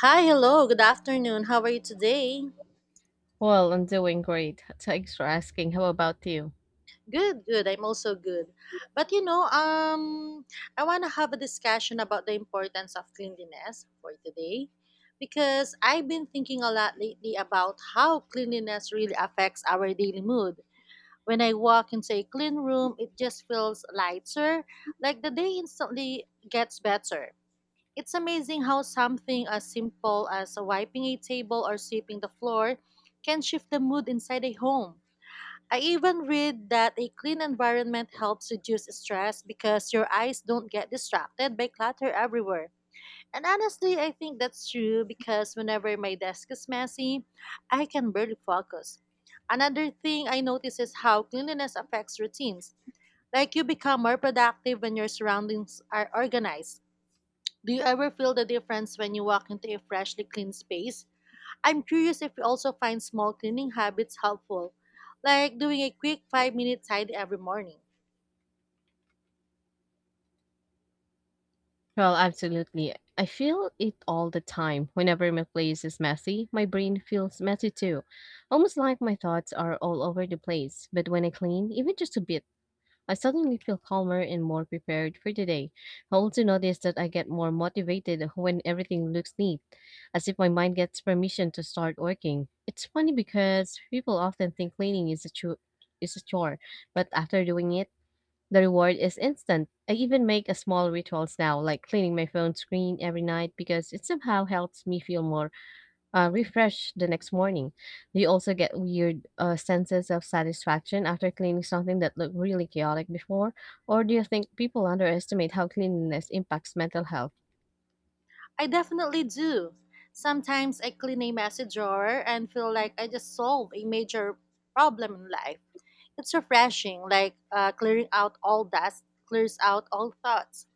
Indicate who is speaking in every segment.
Speaker 1: Hi, hello, good afternoon. How are you today?
Speaker 2: Well, I'm doing great. Thanks for asking. How about you?
Speaker 1: Good, good. I'm also good. But I want to have a discussion about the importance of cleanliness for today because I've been thinking a lot lately about how cleanliness really affects our daily mood. When I walk into a clean room, it just feels lighter, like the day instantly gets better. It's amazing how something as simple as wiping a table or sweeping the floor can shift the mood inside a home. I even read that a clean environment helps reduce stress because your eyes don't get distracted by clutter everywhere. And honestly, I think that's true because whenever my desk is messy, I can barely focus. Another thing I notice is how cleanliness affects routines. Like, you become more productive when your surroundings are organized. Do you ever feel the difference when you walk into a freshly clean space? I'm curious if you also find small cleaning habits helpful, like doing a quick 5-minute tidy every morning.
Speaker 2: Well, absolutely. I feel it all the time. Whenever my place is messy, my brain feels messy too. Almost like my thoughts are all over the place. But when I clean, even just a bit, I suddenly feel calmer and more prepared for the day. I also notice that I get more motivated when everything looks neat, as if my mind gets permission to start working. It's funny because people often think cleaning is a chu- is a chore, but after doing it, the reward is instant. I even make a small rituals now, like cleaning my phone screen every night because it somehow helps me feel more refreshed the next morning. Do you also get weird senses of satisfaction after cleaning something that looked really chaotic before? Or do you think people underestimate how cleanliness impacts mental health?
Speaker 1: I definitely do. Sometimes I clean a messy drawer and feel like I just solved a major problem in life. It's refreshing, like, clearing out all dust clears out all thoughts.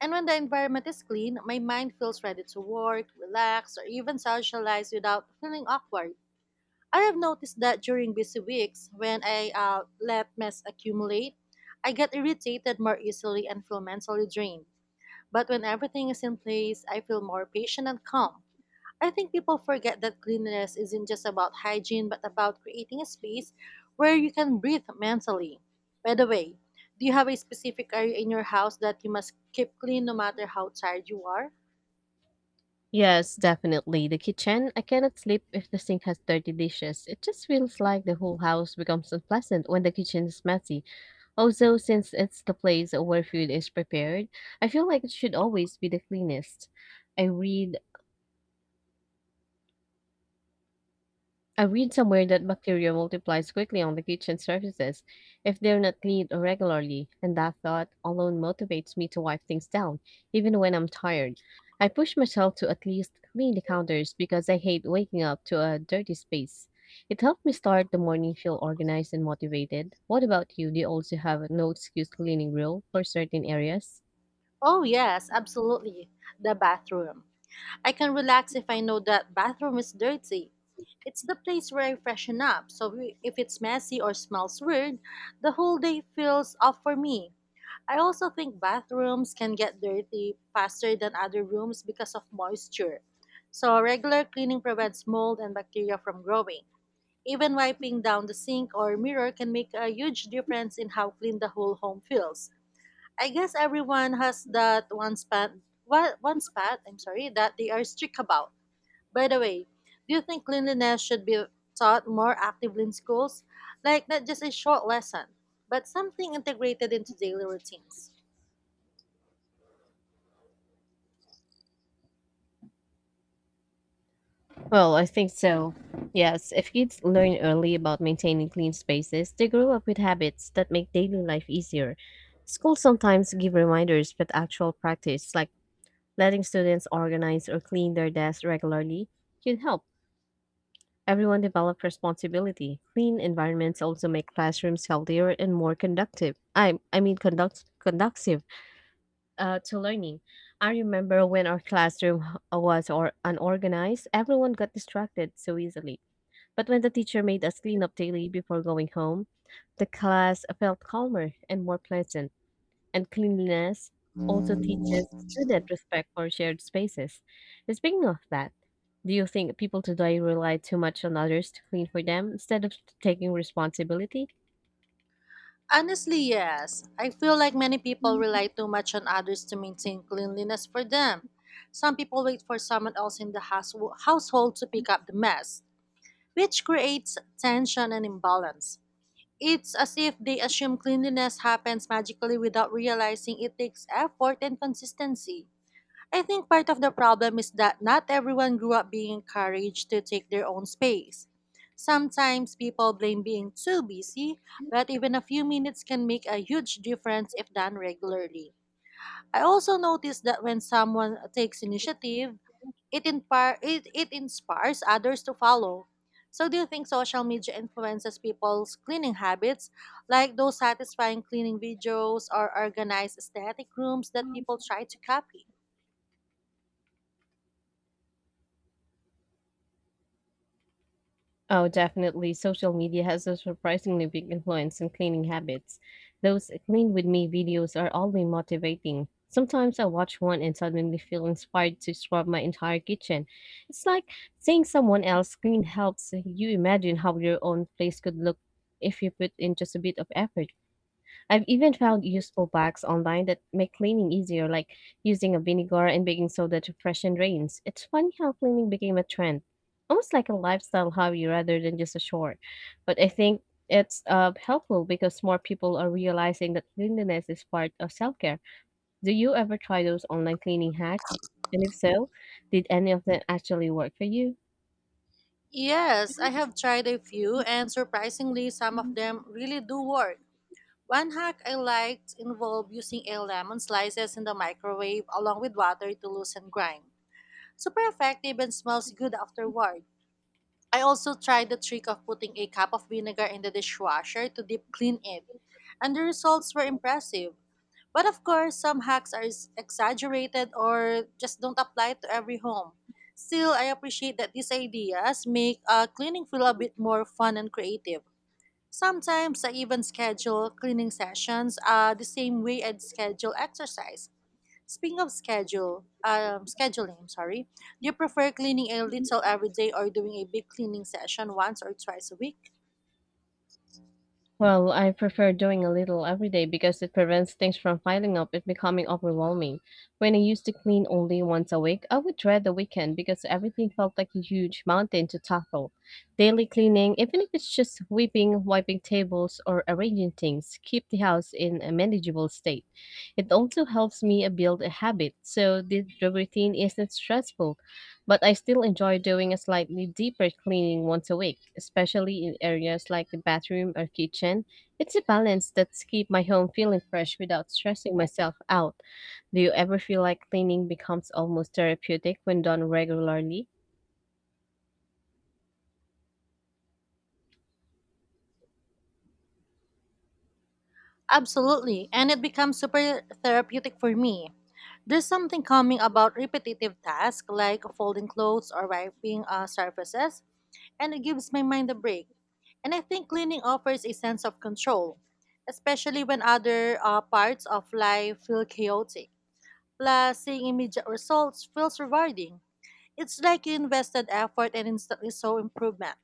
Speaker 1: And when the environment is clean, my mind feels ready to work, relax, or even socialize without feeling awkward. I have noticed that during busy weeks, when I let mess accumulate, I get irritated more easily and feel mentally drained. But when everything is in place, I feel more patient and calm. I think people forget that cleanliness isn't just about hygiene but about creating a space where you can breathe mentally. By the way, do you have a specific area in your house that you must keep clean no matter how tired you are?
Speaker 2: Yes, definitely. The kitchen, I cannot sleep if the sink has dirty dishes. It just feels like the whole house becomes unpleasant when the kitchen is messy. Also, since it's the place where food is prepared, I feel like it should always be the cleanest. I read I read somewhere that bacteria multiplies quickly on the kitchen surfaces if they're not cleaned regularly, and that thought alone motivates me to wipe things down, even when I'm tired. I push myself to at least clean the counters because I hate waking up to a dirty space. It helped me start the morning feel organized and motivated. What about you? Do you also have a no excuse cleaning rule for certain areas?
Speaker 1: Oh, yes, absolutely. The bathroom. I can relax if I know that bathroom is dirty. It's the place where I freshen up, so if it's messy or smells weird, the whole day feels off for me. I also think bathrooms can get dirty faster than other rooms because of moisture. So regular cleaning prevents mold and bacteria from growing. Even wiping down the sink or mirror can make a huge difference in how clean the whole home feels. I guess everyone has that one spot, one spot, I'm sorry, that they are strict about. By the way, do you think cleanliness should be taught more actively in schools? Like, not just a short lesson, but something integrated into daily routines?
Speaker 2: Well, I think so. Yes, if kids learn early about maintaining clean spaces, they grow up with habits that make daily life easier. Schools sometimes give reminders, but actual practice, like letting students organize or clean their desks regularly, can help everyone develop responsibility. Clean environments also make classrooms healthier and more conductive. I mean, conduct, conductive to learning. I remember when our classroom was or unorganized, everyone got distracted so easily. But when the teacher made us clean up daily before going home, the class felt calmer and more pleasant. And cleanliness also teaches students respect for shared spaces. And speaking of that, do you think people today rely too much on others to clean for them instead of taking responsibility?
Speaker 1: Honestly, yes. I feel like many people rely too much on others to maintain cleanliness for them. Some people wait for someone else in the household to pick up the mess, which creates tension and imbalance. It's as if they assume cleanliness happens magically without realizing it takes effort and consistency. I think part of the problem is that not everyone grew up being encouraged to take their own space. Sometimes people blame being too busy, but even a few minutes can make a huge difference if done regularly. I also noticed that when someone takes initiative, it inspires others to follow. So, do you think social media influences people's cleaning habits, like those satisfying cleaning videos or organized aesthetic rooms that people try to copy?
Speaker 2: Oh, definitely. Social media has a surprisingly big influence on cleaning habits. Those clean with me videos are oddly motivating. Sometimes I watch one and suddenly feel inspired to scrub my entire kitchen. It's like seeing someone else clean helps you imagine how your own place could look if you put in just a bit of effort. I've even found useful packs online that make cleaning easier, like using a vinegar and baking soda to freshen drains. It's funny how cleaning became a trend, almost like a lifestyle hobby rather than just a chore. But I think it's helpful because more people are realizing that cleanliness is part of self care. Do you ever try those online cleaning hacks? And if so, did any of them actually work for you?
Speaker 1: Yes, I have tried a few, and surprisingly, some of them really do work. One hack I liked involved using a lemon slices in the microwave along with water to loosen grime. Super effective and smells good afterward. I also tried the trick of putting a cup of vinegar in the dishwasher to deep clean it, and the results were impressive. But of course, some hacks are exaggerated or just don't apply to every home. Still, I appreciate that these ideas make cleaning feel a bit more fun and creative. Sometimes I even schedule cleaning sessions the same way I'd schedule exercise. Scheduling, sorry, do you prefer cleaning a little every day or doing a big cleaning session once or twice a week?
Speaker 2: Well, I prefer doing a little every day because it prevents things from piling up and becoming overwhelming. When I used to clean only once a week, I would dread the weekend because everything felt like a huge mountain to tackle. Daily cleaning, even if it's just sweeping, wiping tables, or arranging things, keep the house in a manageable state. It also helps me build a habit, so the routine isn't stressful, but I still enjoy doing a slightly deeper cleaning once a week, especially in areas like the bathroom or kitchen. It's a balance that's keep my home feeling fresh without stressing myself out. Do you ever feel like cleaning becomes almost therapeutic when done regularly?
Speaker 1: Absolutely, and it becomes super therapeutic for me. There's something calming about repetitive tasks like folding clothes or wiping surfaces, and it gives my mind a break. And I think cleaning offers a sense of control, especially when other parts of life feel chaotic. Plus, seeing immediate results feels rewarding. It's like you invested effort and instantly saw improvement.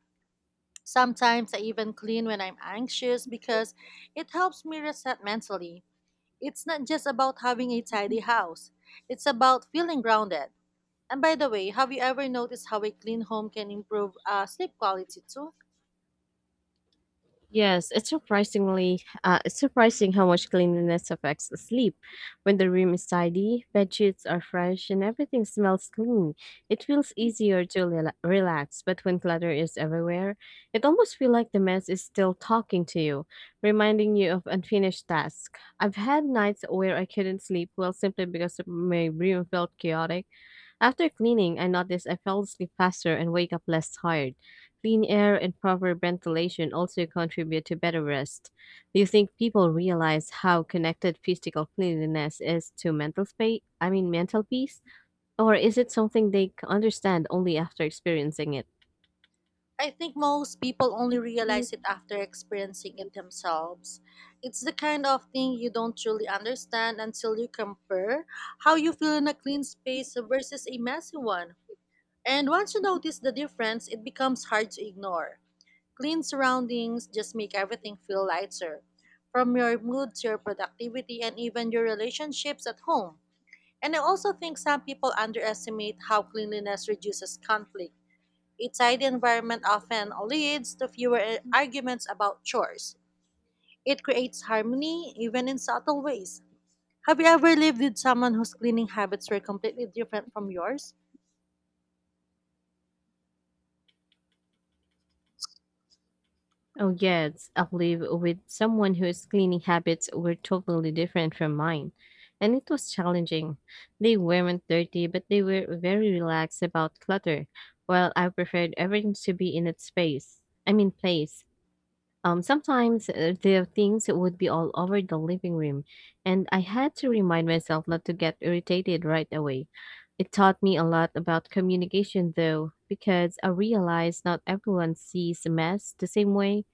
Speaker 1: Sometimes I even clean when I'm anxious because it helps me reset mentally. It's not just about having a tidy house, it's about feeling grounded. And by the way, have you ever noticed how a clean home can improve sleep quality too?
Speaker 2: Yes, it's surprising how much cleanliness affects the sleep. When the room is tidy, bed sheets are fresh, and everything smells clean, it feels easier to relax. But when clutter is everywhere, it almost feels like the mess is still talking to you, reminding you of unfinished tasks. I've had nights where I couldn't sleep well simply because my room felt chaotic. After cleaning, I noticed I fell asleep faster and wake up less tired. Clean air and proper ventilation also contribute to better rest. Do you think people realize how connected physical cleanliness is to mental space? I mean, mental peace? Or is it something they understand only after experiencing it?
Speaker 1: I think most people only realize it after experiencing it themselves. It's the kind of thing you don't truly understand until you compare how you feel in a clean space versus a messy one. And once you notice the difference, it becomes hard to ignore. Clean surroundings just make everything feel lighter, from your mood to your productivity and even your relationships at home. And I also think some people underestimate how cleanliness reduces conflict. A tidy environment often leads to fewer arguments about chores. It creates harmony, even in subtle ways. Have you ever lived with someone whose cleaning habits were completely different from yours?
Speaker 2: Oh, yes, I live with someone whose cleaning habits were totally different from mine, and it was challenging. They weren't dirty, but they were very relaxed about clutter, while I preferred everything to be in its place. Sometimes the things would be all over the living room, and I had to remind myself not to get irritated right away. It taught me a lot about communication, though, because I realized not everyone sees a mess the same way.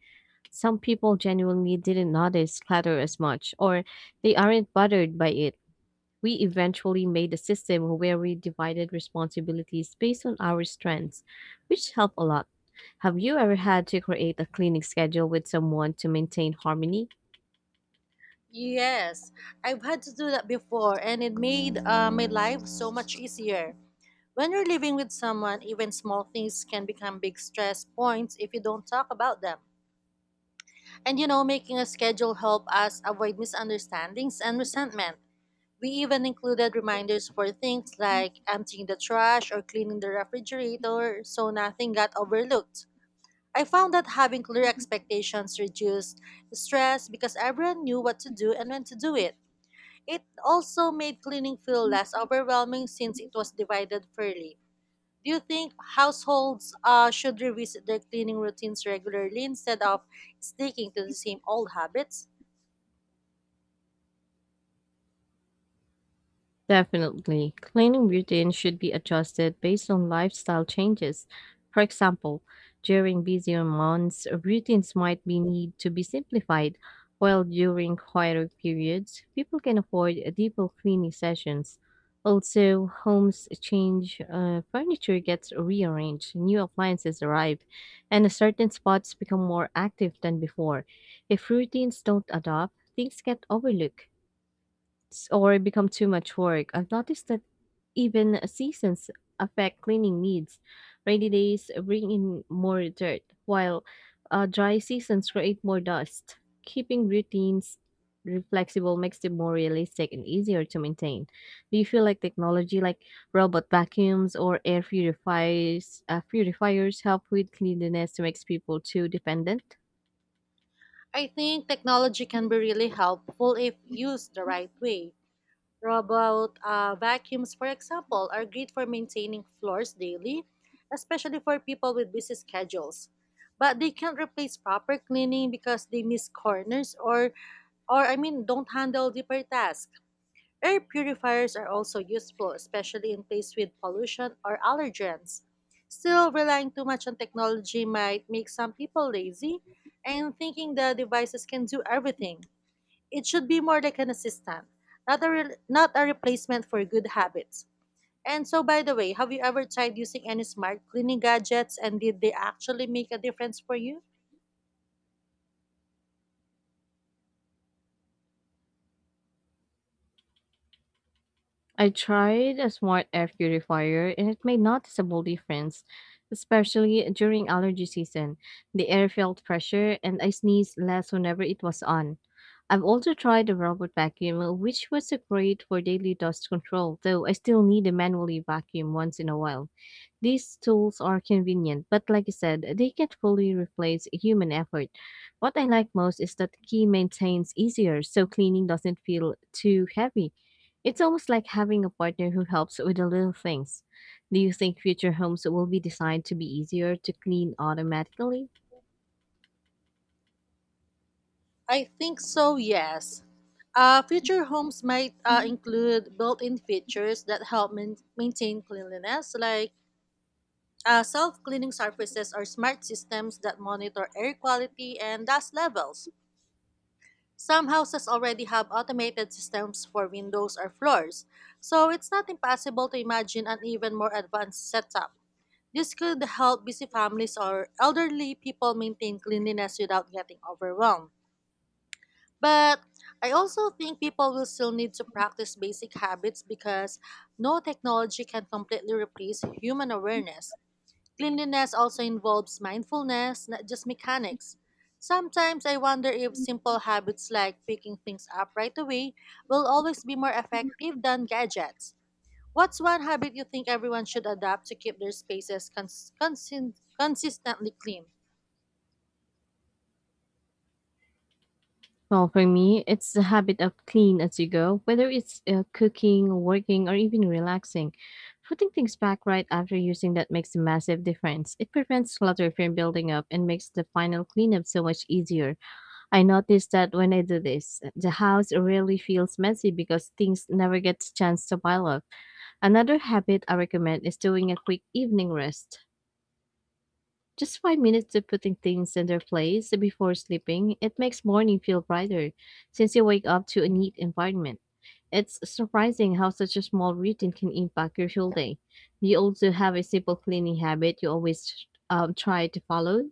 Speaker 2: Some people genuinely didn't notice clutter as much, or they aren't bothered by it. We eventually made a system where we divided responsibilities based on our strengths, which helped a lot. Have you ever had to create a cleaning schedule with someone to maintain harmony?
Speaker 1: Yes, I've had to do that before, and it made my life so much easier. When you're living with someone, even small things can become big stress points if you don't talk about them. And you know, making a schedule helped us avoid misunderstandings and resentment. We even included reminders for things like emptying the trash or cleaning the refrigerator so nothing got overlooked. I found that having clear expectations reduced stress because everyone knew what to do and when to do it. It also made cleaning feel less overwhelming since it was divided fairly. Do you think households should revisit their cleaning routines regularly instead of sticking to the same old habits?
Speaker 2: Definitely. Cleaning routines should be adjusted based on lifestyle changes. For example, during busier months, routines might be need to be simplified, while during quieter periods, people can afford deeper cleaning sessions. Also, homes change, furniture gets rearranged, new appliances arrive, and certain spots become more active than before. If routines don't adapt, things get overlooked or become too much work. I've noticed that even seasons affect cleaning needs. Rainy days bring in more dirt, while dry seasons create more dust. Keeping routines flexible makes them more realistic and easier to maintain. Do you feel like technology like robot vacuums or purifiers help with cleanliness to make people too dependent?
Speaker 1: I think technology can be really helpful if used the right way. Robot vacuums, for example, are great for maintaining floors daily, especially for people with busy schedules. But they can't replace proper cleaning because they miss corners or, I mean, don't handle deeper tasks. Air purifiers are also useful, especially in places with pollution or allergens. Still, relying too much on technology might make some people lazy and thinking the devices can do everything. It should be more like an assistant, not a replacement for good habits. And so, by the way, have you ever tried using any smart cleaning gadgets and did they actually make a difference for you?
Speaker 2: I tried a smart air purifier and it made noticeable difference, especially during allergy season. The air felt fresher and I sneezed less whenever it was on. I've also tried a robot vacuum, which was great for daily dust control, though I still need to manually vacuum once in a while. These tools are convenient, but like I said, they can't fully replace human effort. What I like most is that the key maintains easier, so cleaning doesn't feel too heavy. It's almost like having a partner who helps with the little things. Do you think future homes will be designed to be easier to clean automatically?
Speaker 1: I think so, yes. Future homes might include built in features that help maintain cleanliness, like self cleaning surfaces or smart systems that monitor air quality and dust levels. Some houses already have automated systems for windows or floors, so it's not impossible to imagine an even more advanced setup. This could help busy families or elderly people maintain cleanliness without getting overwhelmed. But I also think people will still need to practice basic habits because no technology can completely replace human awareness. Cleanliness also involves mindfulness, not just mechanics. Sometimes I wonder if simple habits like picking things up right away will always be more effective than gadgets. What's one habit you think everyone should adopt to keep their spaces consistently clean?
Speaker 2: Well, for me, it's the habit of clean as you go, whether it's cooking, working, or even relaxing. Putting things back right after using that makes a massive difference. It prevents clutter from building up and makes the final cleanup so much easier. I noticed that when I do this, the house really feels messy because things never get a chance to pile up. Another habit I recommend is doing a quick evening rest. Just 5 minutes of putting things in their place before sleeping, it makes morning feel brighter since you wake up to a neat environment. It's surprising how such a small routine can impact your whole day. Do you also have a simple cleaning habit you always try to follow?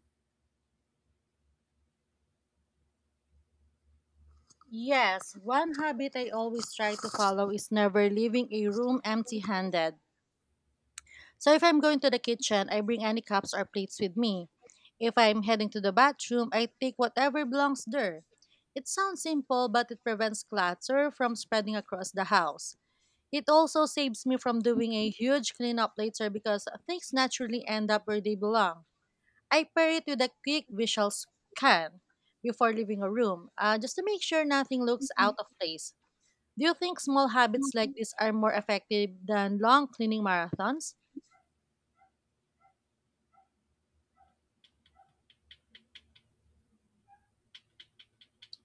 Speaker 1: Yes, one habit I always try to follow is never leaving a room empty handed. So if I'm going to the kitchen, I bring any cups or plates with me. If I'm heading to the bathroom, I take whatever belongs there. It sounds simple, but it prevents clutter from spreading across the house. It also saves me from doing a huge cleanup later because things naturally end up where they belong. I pair it with a quick visual scan before leaving a room, just to make sure nothing looks out of place. Do you think small habits like this are more effective than long cleaning marathons?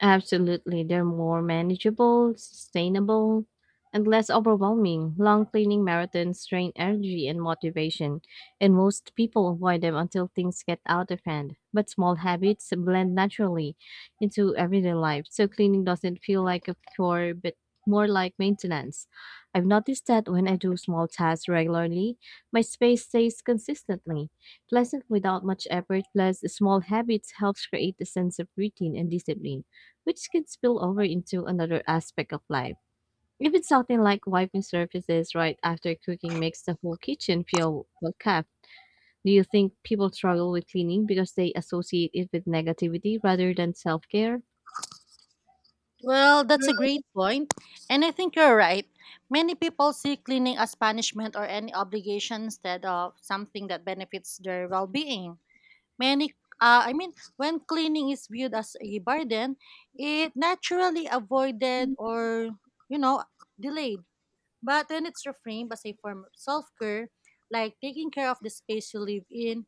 Speaker 2: Absolutely. They're more manageable, sustainable, and less overwhelming. Long cleaning marathons drain energy and motivation, and most people avoid them until things get out of hand. But small habits blend naturally into everyday life, so cleaning doesn't feel like a chore, but more like maintenance. I've noticed that when I do small tasks regularly, my space stays consistently pleasant without much effort. Plus small habits helps create a sense of routine and discipline which can spill over into another aspect of life. Even something like wiping surfaces right after cooking makes the whole kitchen feel well kept. Do you think people struggle with cleaning because they associate it with negativity rather than self care?
Speaker 1: Well, that's a great point, and I think you're right. Many people see cleaning as punishment or any obligation instead of something that benefits their well-being. When cleaning is viewed as a burden, it naturally avoided or you know delayed. But when it's reframed as a form of self-care, like taking care of the space you live in,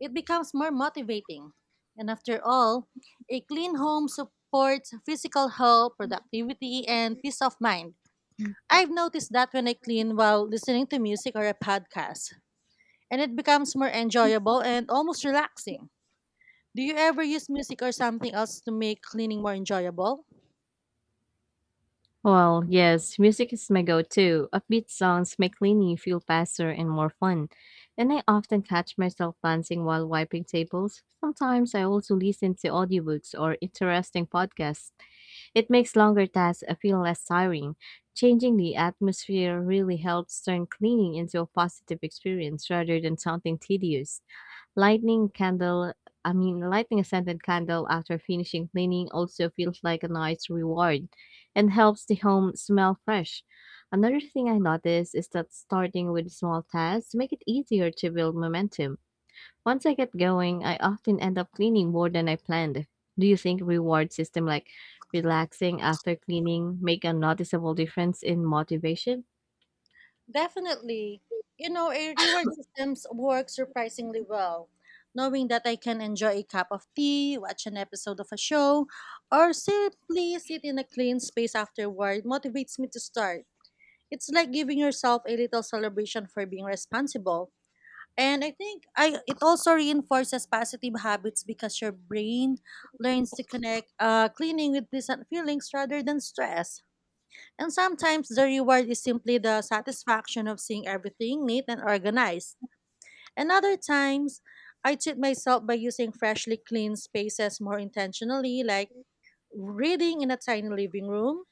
Speaker 1: it becomes more motivating. And after all, a clean home supports physical health, productivity, and peace of mind. I've noticed that when I clean while listening to music or a podcast, and it becomes more enjoyable and almost relaxing. Do you ever use music or something else to make cleaning more enjoyable?
Speaker 2: Well, yes, music is my go to. Upbeat songs make cleaning feel faster and more fun. And I often catch myself dancing while wiping tables. Sometimes I also listen to audiobooks or interesting podcasts. It makes longer tasks feel less tiring. Changing the atmosphere really helps turn cleaning into a positive experience rather than something tedious. Lighting candle, Lighting a scented candle after finishing cleaning also feels like a nice reward and helps the home smell fresh. Another thing I noticed is that starting with small tasks make it easier to build momentum. Once I get going, I often end up cleaning more than I planned. Do you think reward system like relaxing after cleaning make a noticeable difference in motivation?
Speaker 1: Definitely. You know, a reward systems work surprisingly well. Knowing that I can enjoy a cup of tea, watch an episode of a show, or simply sit in a clean space afterward motivates me to start. It's like giving yourself a little celebration for being responsible. And I think I it also reinforces positive habits because your brain learns to connect cleaning with pleasant feelings rather than stress. And sometimes the reward is simply the satisfaction of seeing everything neat and organized. And other times, I treat myself by using freshly cleaned spaces more intentionally, like reading in a tiny living room.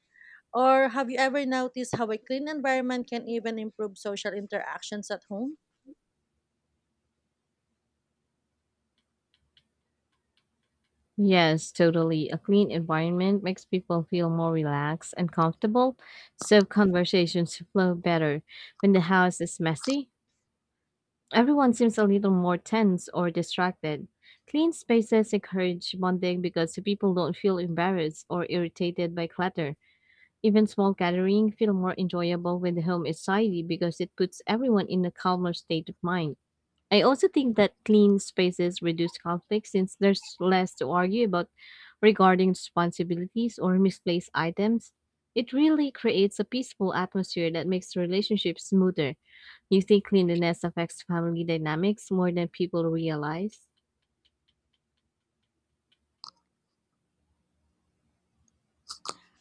Speaker 1: Or have you ever noticed how a clean environment can even improve social interactions at home?
Speaker 2: Yes, totally. A clean environment makes people feel more relaxed and comfortable, so conversations flow better. When the house is messy, everyone seems a little more tense or distracted. Clean spaces encourage bonding because people don't feel embarrassed or irritated by clutter. Even small gatherings feel more enjoyable when the home is tidy because it puts everyone in a calmer state of mind. I also think that clean spaces reduce conflict since there's less to argue about regarding responsibilities or misplaced items. It really creates a peaceful atmosphere that makes relationships smoother. You think cleanliness affects family dynamics more than people realize?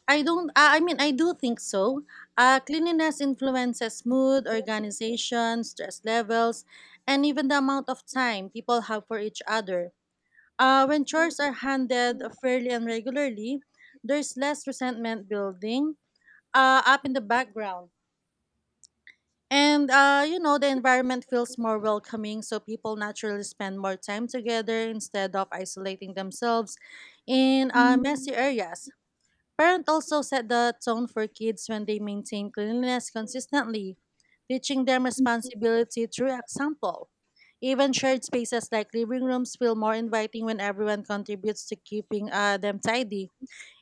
Speaker 1: I don't, I mean, I do think so. Cleanliness influences mood, organization, stress levels, and even the amount of time people have for each other. When chores are handled fairly and regularly, there's less resentment building up in the background. And the environment feels more welcoming, so people naturally spend more time together instead of isolating themselves in messy areas. Parents also set the tone for kids when they maintain cleanliness consistently, teaching them responsibility through example. Even shared spaces like living rooms feel more inviting when everyone contributes to keeping them tidy.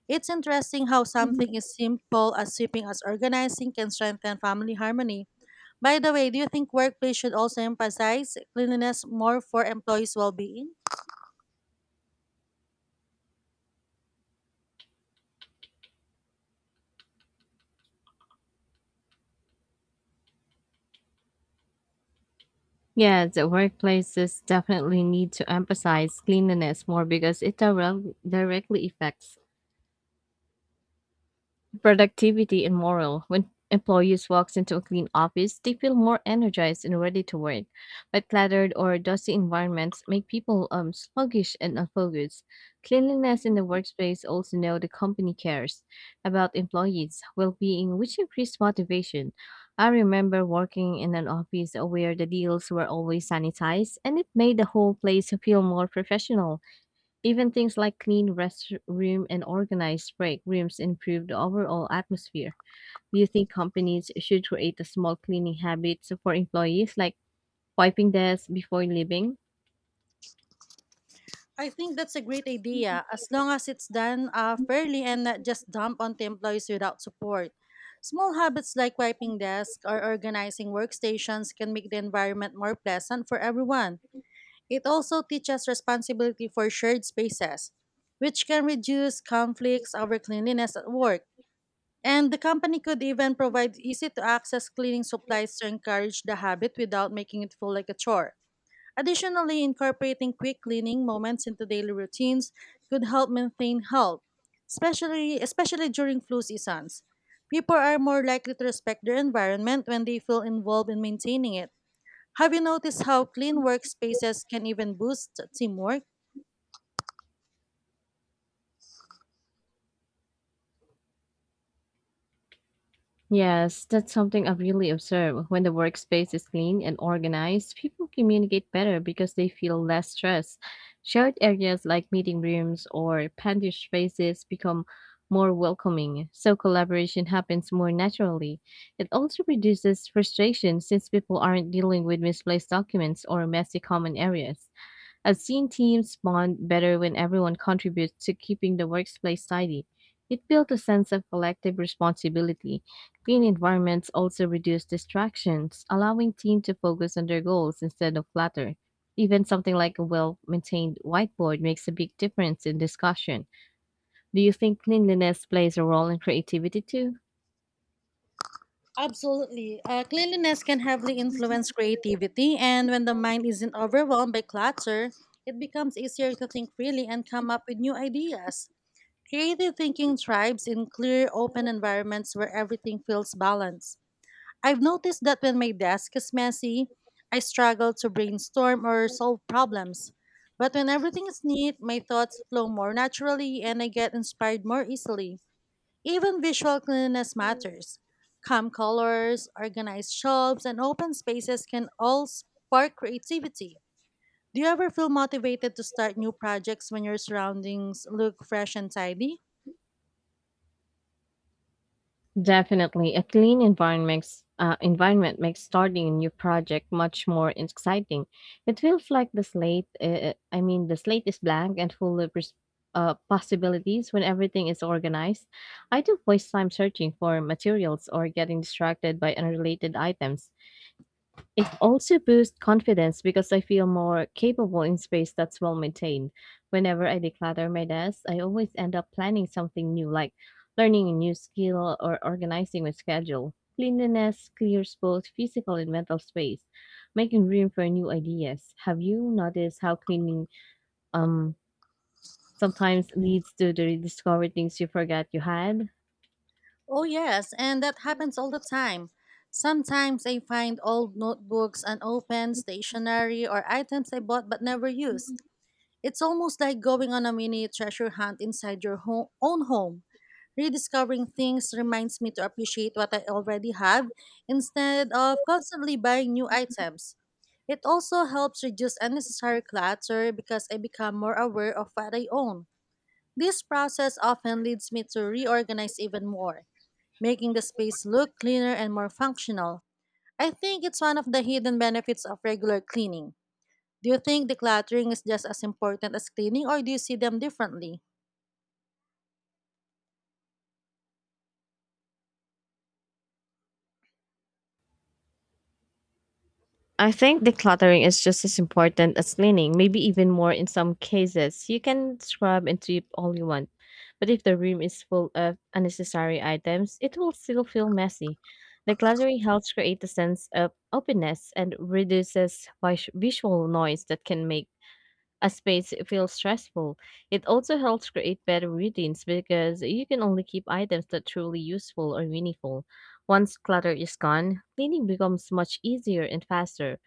Speaker 1: It's interesting how something as simple as sweeping as organizing can strengthen family harmony. By the way, do you think workplace should also emphasize cleanliness more for employees' well-being?
Speaker 2: Yeah, the workplaces definitely need to emphasize cleanliness more because it directly affects productivity and morale. When employees walks into a clean office, they feel more energized and ready to work. But cluttered or dusty environments make people sluggish and unfocused. Cleanliness in the workspace also know the company cares about employees' well-being, which increased motivation. I remember working in an office where the deals were always sanitized, and it made the whole place feel more professional. Even things like clean restroom and organized break rooms improve the overall atmosphere. Do you think companies should create a small cleaning habit for employees, like wiping desks before leaving?
Speaker 1: I think that's a great idea as long as it's done fairly and not just dumped onto employees without support. Small habits like wiping desks or organizing workstations can make the environment more pleasant for everyone. It also teaches responsibility for shared spaces, which can reduce conflicts over cleanliness at work. And the company could even provide easy to access cleaning supplies to encourage the habit without making it feel like a chore. Additionally, incorporating quick cleaning moments into daily routines could help maintain health, especially during flu seasons. People are more likely to respect their environment when they feel involved in maintaining it. Have you noticed how clean workspaces can even boost teamwork?
Speaker 2: Yes, that's something I've really observed. When the workspace is clean and organized, people communicate better because they feel less stressed. Shared areas like meeting rooms or pantry spaces become more welcoming, so collaboration happens more naturally. It also reduces frustration since people aren't dealing with misplaced documents or messy common areas. I've seen teams bond better when everyone contributes to keeping the workplace tidy. It built a sense of collective responsibility. Clean environments also reduce distractions, allowing teams to focus on their goals instead of clutter. Even something like a well maintained whiteboard makes a big difference in discussion. Do you think cleanliness plays a role in creativity too?
Speaker 1: Absolutely. Cleanliness can heavily influence creativity, and when the mind isn't overwhelmed by clutter, it becomes easier to think freely and come up with new ideas. Creative thinking thrives in clear, open environments where everything feels balanced. I've noticed that when my desk is messy, I struggle to brainstorm or solve problems. But when everything is neat, my thoughts flow more naturally and I get inspired more easily. Even visual cleanliness matters. Calm colors, organized shops, and open spaces can all spark creativity. Do you ever feel motivated to start new projects when your surroundings look fresh and tidy?
Speaker 2: Definitely, a clean environment makes starting a new project much more exciting. It feels like the slate is blank and full of possibilities when everything is organized. I don't waste time searching for materials or getting distracted by unrelated items. It also boosts confidence because I feel more capable in space that's well maintained. Whenever I declutter my desk, I always end up planning something new, like learning a new skill or organizing my schedule. Cleanliness clears both physical and mental space, making room for new ideas. Have you noticed how cleaning um sometimes leads to the rediscovery things you forgot you had?
Speaker 1: Oh, yes, and that happens all the time. Sometimes I find old notebooks, unopened stationery, or items I bought but never used. It's almost like going on a mini treasure hunt inside your own home. Rediscovering things reminds me to appreciate what I already have instead of constantly buying new items. It also helps reduce unnecessary clutter because I become more aware of what I own. This process often leads me to reorganize even more, making the space look cleaner and more functional. I think it's one of the hidden benefits of regular cleaning. Do you think decluttering is just as important as cleaning, or do you see them differently?
Speaker 2: I think decluttering is just as important as cleaning, maybe even more in some cases. You can scrub and sweep all you want, but if the room is full of unnecessary items, it will still feel messy. Decluttering helps create a sense of openness and reduces visual noise that can make a space feels stressful. It also helps create better routines because you can only keep items that truly useful or meaningful. Once clutter is gone, cleaning becomes much easier and faster.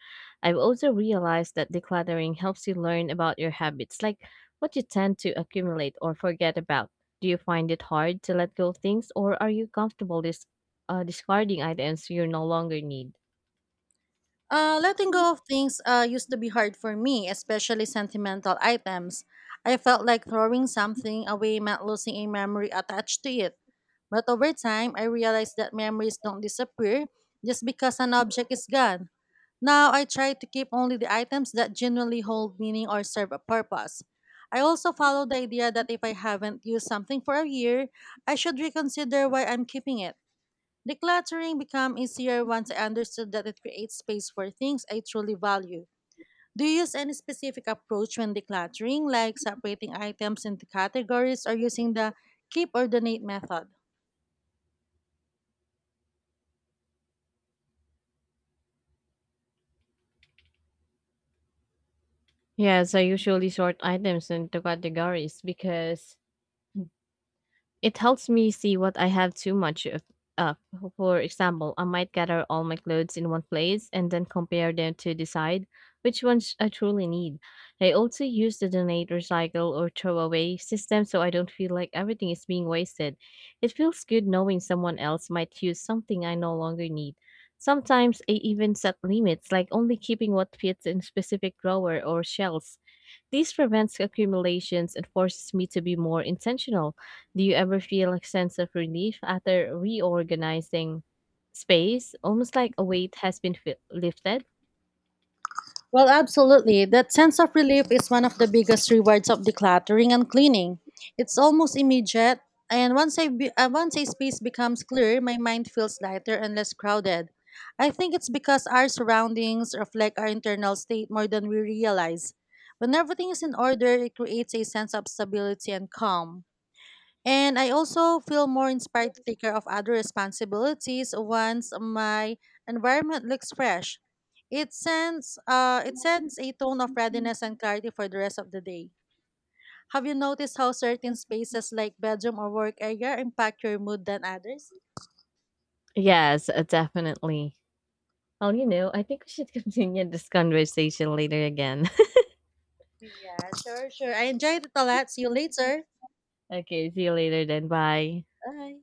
Speaker 2: I've also realized that decluttering helps you learn about your habits, like what you tend to accumulate or forget about. Do you find it hard to let go of things, or are you comfortable discarding items you no longer need?
Speaker 1: Letting go of things used to be hard for me, especially sentimental items. I felt like throwing something away meant losing a memory attached to it. But over time, I realized that memories don't disappear just because an object is gone. Now I try to keep only the items that genuinely hold meaning or serve a purpose. I also follow the idea that if I haven't used something for a year, I should reconsider why I'm keeping it. Decluttering became easier once I understood that it creates space for things I truly value. Do you use any specific approach when decluttering, like separating items into categories or using the keep or donate method?
Speaker 2: Yes, I usually sort items into categories because it helps me see what I have too much of. For example, I might gather all my clothes in one place and then compare them to decide which ones I truly need. I also use the donate, recycle, or throw away system so I don't feel like everything is being wasted. It feels good knowing someone else might use something I no longer need. Sometimes I even set limits, like only keeping what fits in specific drawer or shelves this prevents accumulations and forces me to be more intentional. Do you ever feel a sense of relief after reorganizing space, almost like a weight has been lifted?
Speaker 1: Well, absolutely. That sense of relief is one of the biggest rewards of decluttering and cleaning. It's almost immediate, and once a space becomes clear, my mind feels lighter and less crowded. I think it's because our surroundings reflect our internal state more than we realize. When everything is in order, it creates a sense of stability and calm. And I also feel more inspired to take care of other responsibilities once my environment looks fresh. It sends a tone of readiness and clarity for the rest of the day. Have you noticed how certain spaces like bedroom or work area impact your mood than others?
Speaker 2: Yes, definitely. Well, you know, I think we should continue this conversation later again.
Speaker 1: Yeah, sure, sure. I enjoyed it a lot. See you later.
Speaker 2: Okay, see you later then. Bye.
Speaker 1: Bye.